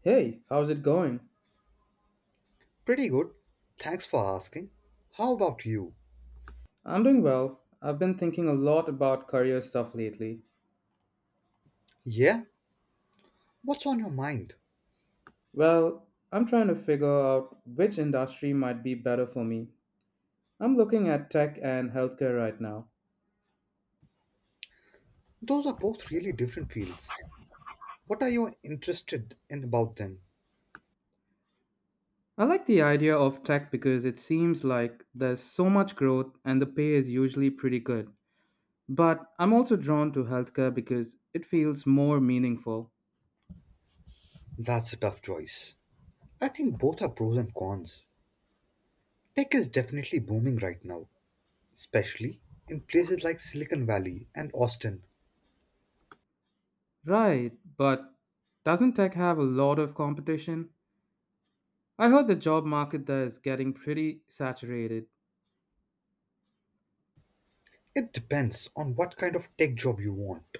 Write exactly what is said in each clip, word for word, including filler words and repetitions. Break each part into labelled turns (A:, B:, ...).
A: Hey, how's it going?
B: Pretty good. Thanks for asking. How about you?
A: I'm doing well. I've been thinking a lot about career stuff lately.
B: Yeah? What's on your mind?
A: Well, I'm trying to figure out which industry might be better for me. I'm looking at tech and healthcare right now.
B: Those are both really different fields. What are you interested in about them?
A: I like the idea of tech because it seems like there's so much growth and the pay is usually pretty good. But I'm also drawn to healthcare because it feels more meaningful.
B: That's a tough choice. I think both are pros and cons. Tech is definitely booming right now, especially in places like Silicon Valley and Austin.
A: Right, but doesn't tech have a lot of competition? I heard the job market there is getting pretty saturated.
B: It depends on what kind of tech job you want.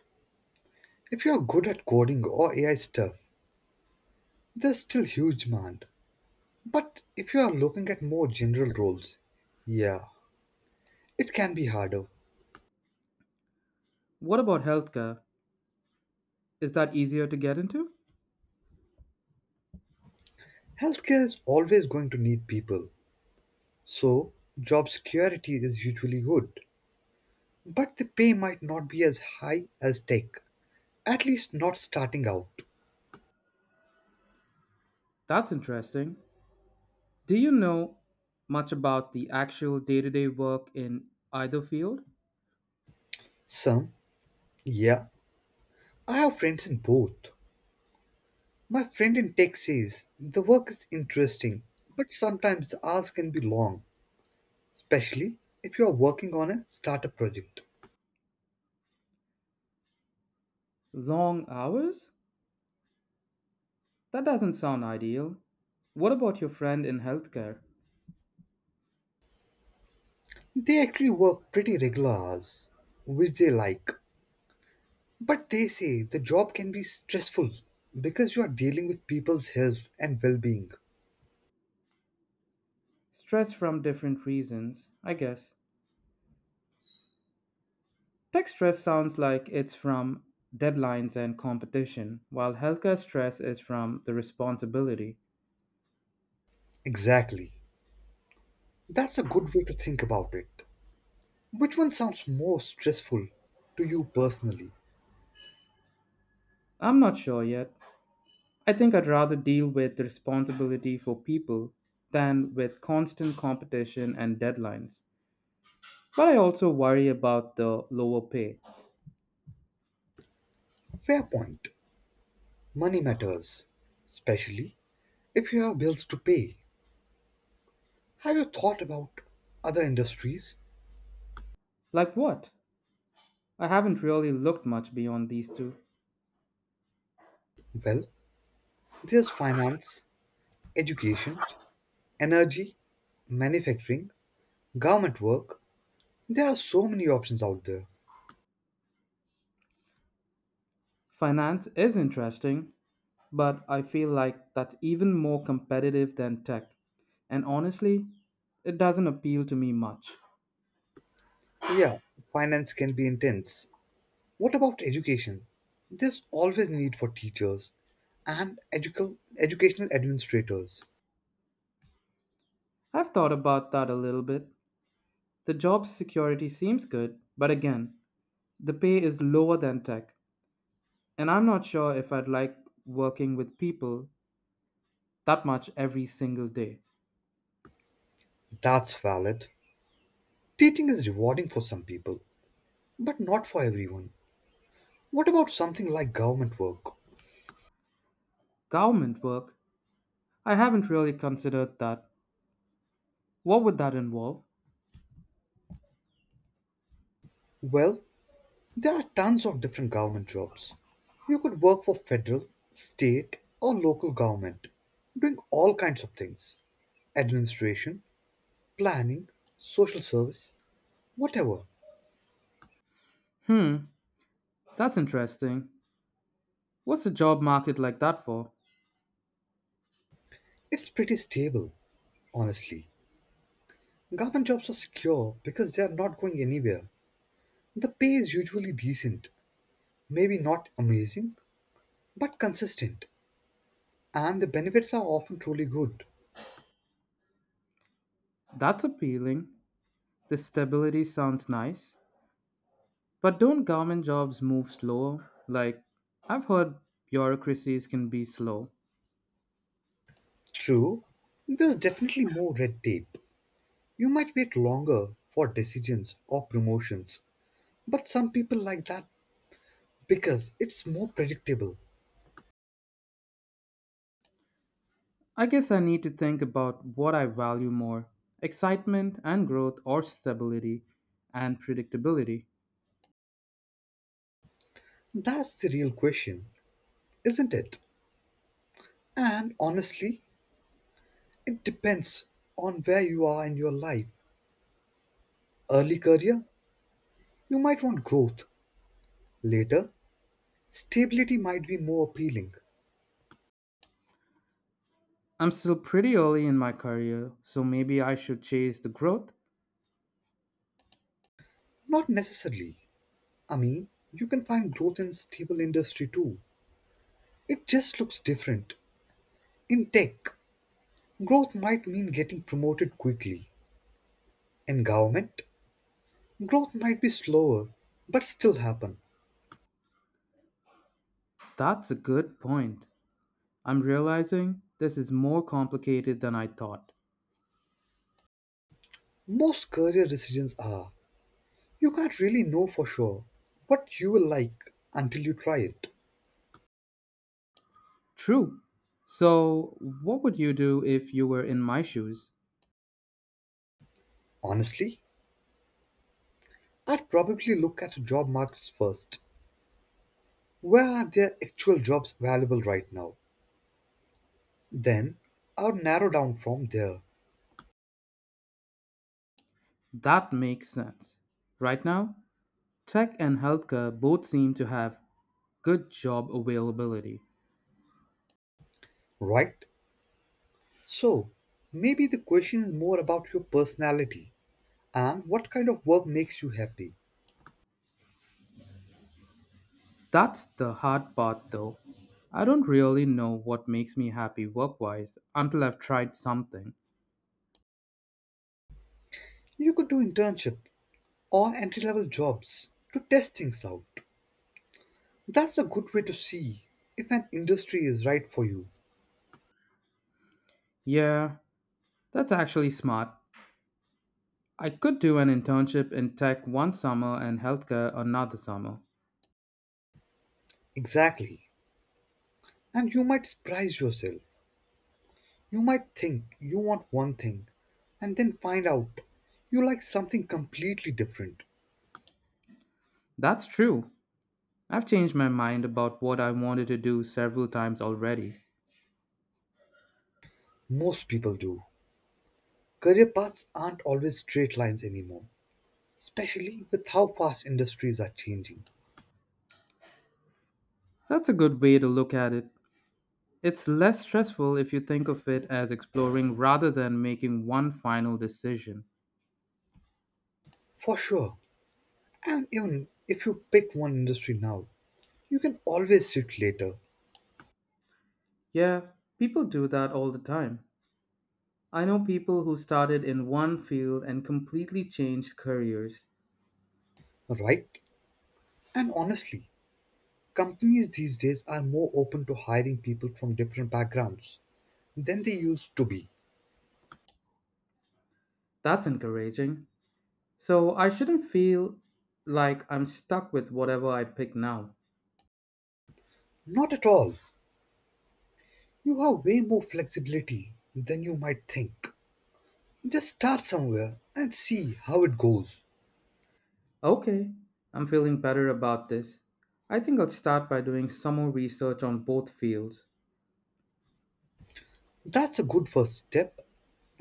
B: If you are good at coding or A I stuff, there's still huge demand. But if you are looking at more general roles, yeah, it can be harder.
A: What about healthcare? Is that easier to get into?
B: Healthcare is always going to need people, so job security is usually good. But the pay might not be as high as tech, at least not starting out.
A: That's interesting. Do you know much about the actual day to day work in either field?
B: Some, yeah, I have friends in both. My friend in tech says the work is interesting, but sometimes the hours can be long, especially if you are working on a startup project.
A: Long hours? That doesn't sound ideal. What about your friend in healthcare?
B: They actually work pretty regular hours, which they like. But they say the job can be stressful because you are dealing with people's health and well being.
A: Stress from different reasons, I guess. Tech stress sounds like it's from deadlines and competition, while healthcare stress is from the responsibility.
B: Exactly. That's a good way to think about it. Which one sounds more stressful to you personally?
A: I'm not sure yet. I think I'd rather deal with the responsibility for people than with constant competition and deadlines. But I also worry about the lower pay.
B: Fair point. Money matters, especially if you have bills to pay. Have you thought about other industries?
A: Like what? I haven't really looked much beyond these two.
B: Well, there's finance, education, energy, manufacturing, government work. There are so many options out there.
A: Finance is interesting, but I feel like that's even more competitive than tech. And honestly, it doesn't appeal to me much.
B: Yeah, finance can be intense. What about education? There's always need for teachers and educal, educational administrators.
A: I've thought about that a little bit. The job security seems good, but again, the pay is lower than tech, and I'm not sure if I'd like working with people that much every single day.
B: That's valid. Teaching is rewarding for some people, but not for everyone. What about something like government work?
A: Government work? I haven't really considered that. What would that involve?
B: Well, there are tons of different government jobs. You could work for federal, state, or local government, doing all kinds of things: administration, planning, social service, whatever.
A: Hmm, that's interesting. What's the job market like that for?
B: It's pretty stable, honestly. Government jobs are secure because they are not going anywhere. The pay is usually decent, maybe not amazing, but consistent, and the benefits are often truly good.
A: That's appealing. The stability sounds nice. But don't government jobs move slow? Like, I've heard bureaucracies can be slow.
B: True, there's definitely more red tape. You might wait longer for decisions or promotions, but some people like that because it's more predictable.
A: I guess I need to think about what I value more, excitement and growth, or stability and predictability.
B: That's the real question, isn't it? And honestly, it depends on where you are in your life. Early career, you might want growth. Later, stability might be more appealing.
A: I'm still pretty early in my career, so maybe I should chase the growth?
B: Not necessarily. I mean, you can find growth in stable industry too. It just looks different. In tech, growth might mean getting promoted quickly. In government, growth might be slower, but still happen.
A: That's a good point. I'm realizing this is more complicated than I thought.
B: Most career decisions are. You can't really know for sure what you will like until you try it.
A: True. So, what would you do if you were in my shoes?
B: Honestly, I'd probably look at job markets first. Where are there actual jobs available right now? Then I will narrow down from there,
A: That makes sense. Right now, tech and healthcare both seem to have good job availability.
B: right? So maybe the question is more about your personality and what kind of work makes you happy.
A: That's the hard part though. I don't really know what makes me happy work wise until I've tried something.
B: You could do internship or entry level jobs to test things out. That's a good way to see if an industry is right for you.
A: Yeah, that's actually smart. I could do an internship in tech one summer and healthcare another summer.
B: Exactly. And you might surprise yourself. You might think you want one thing and then find out you like something completely different.
A: That's true. I've changed my mind about what I wanted to do several times already.
B: Most people do. Career paths aren't always straight lines anymore, especially with how fast industries are changing.
A: That's a good way to look at it. It's less stressful if you think of it as exploring rather than making one final decision.
B: For sure, and even if you pick one industry now, you can always switch later,
A: Yeah, people do that all the time. I know people who started in one field and completely changed careers.
B: right? And honestly, companies these days are more open to hiring people from different backgrounds than they used to be.
A: That's encouraging. So I shouldn't feel like I'm stuck with whatever I pick now.
B: Not at all. You have way more flexibility than you might think. Just start somewhere and see how it goes.
A: Okay, I'm feeling better about this. I think I'll start by doing some more research on both fields.
B: That's a good first step,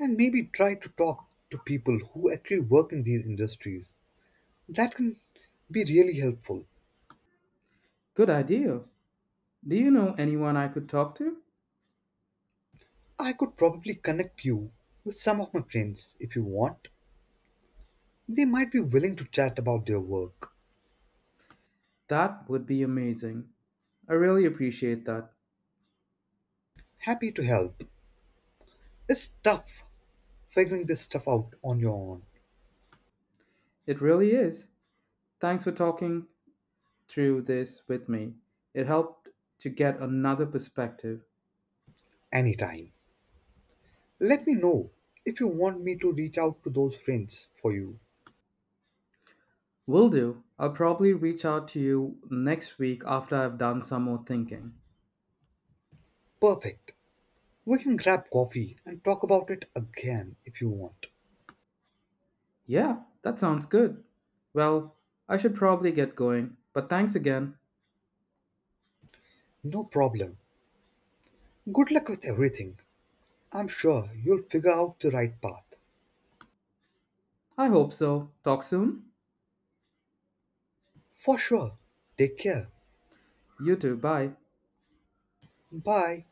B: and maybe try to talk to people who actually work in these industries. That can be really helpful.
A: Good idea. Do you know anyone I could talk to?
B: I could probably connect you with some of my friends if you want. They might be willing to chat about their work.
A: That would be amazing. I really appreciate that.
B: Happy to help. It's tough figuring this stuff out on your own.
A: It really is. Thanks for talking through this with me. It helped to get another perspective.
B: Anytime. Let me know if you want me to reach out to those friends for you.
A: Will do. I'll probably reach out to you next week after I've done some more thinking.
B: Perfect. We can grab coffee and talk about it again if you want.
A: Yeah, that sounds good. Well, I should probably get going, but thanks again.
B: No problem. Good luck with everything. I'm sure you'll figure out the right path.
A: I hope so. Talk soon.
B: For sure. Take care.
A: You too. Bye.
B: Bye.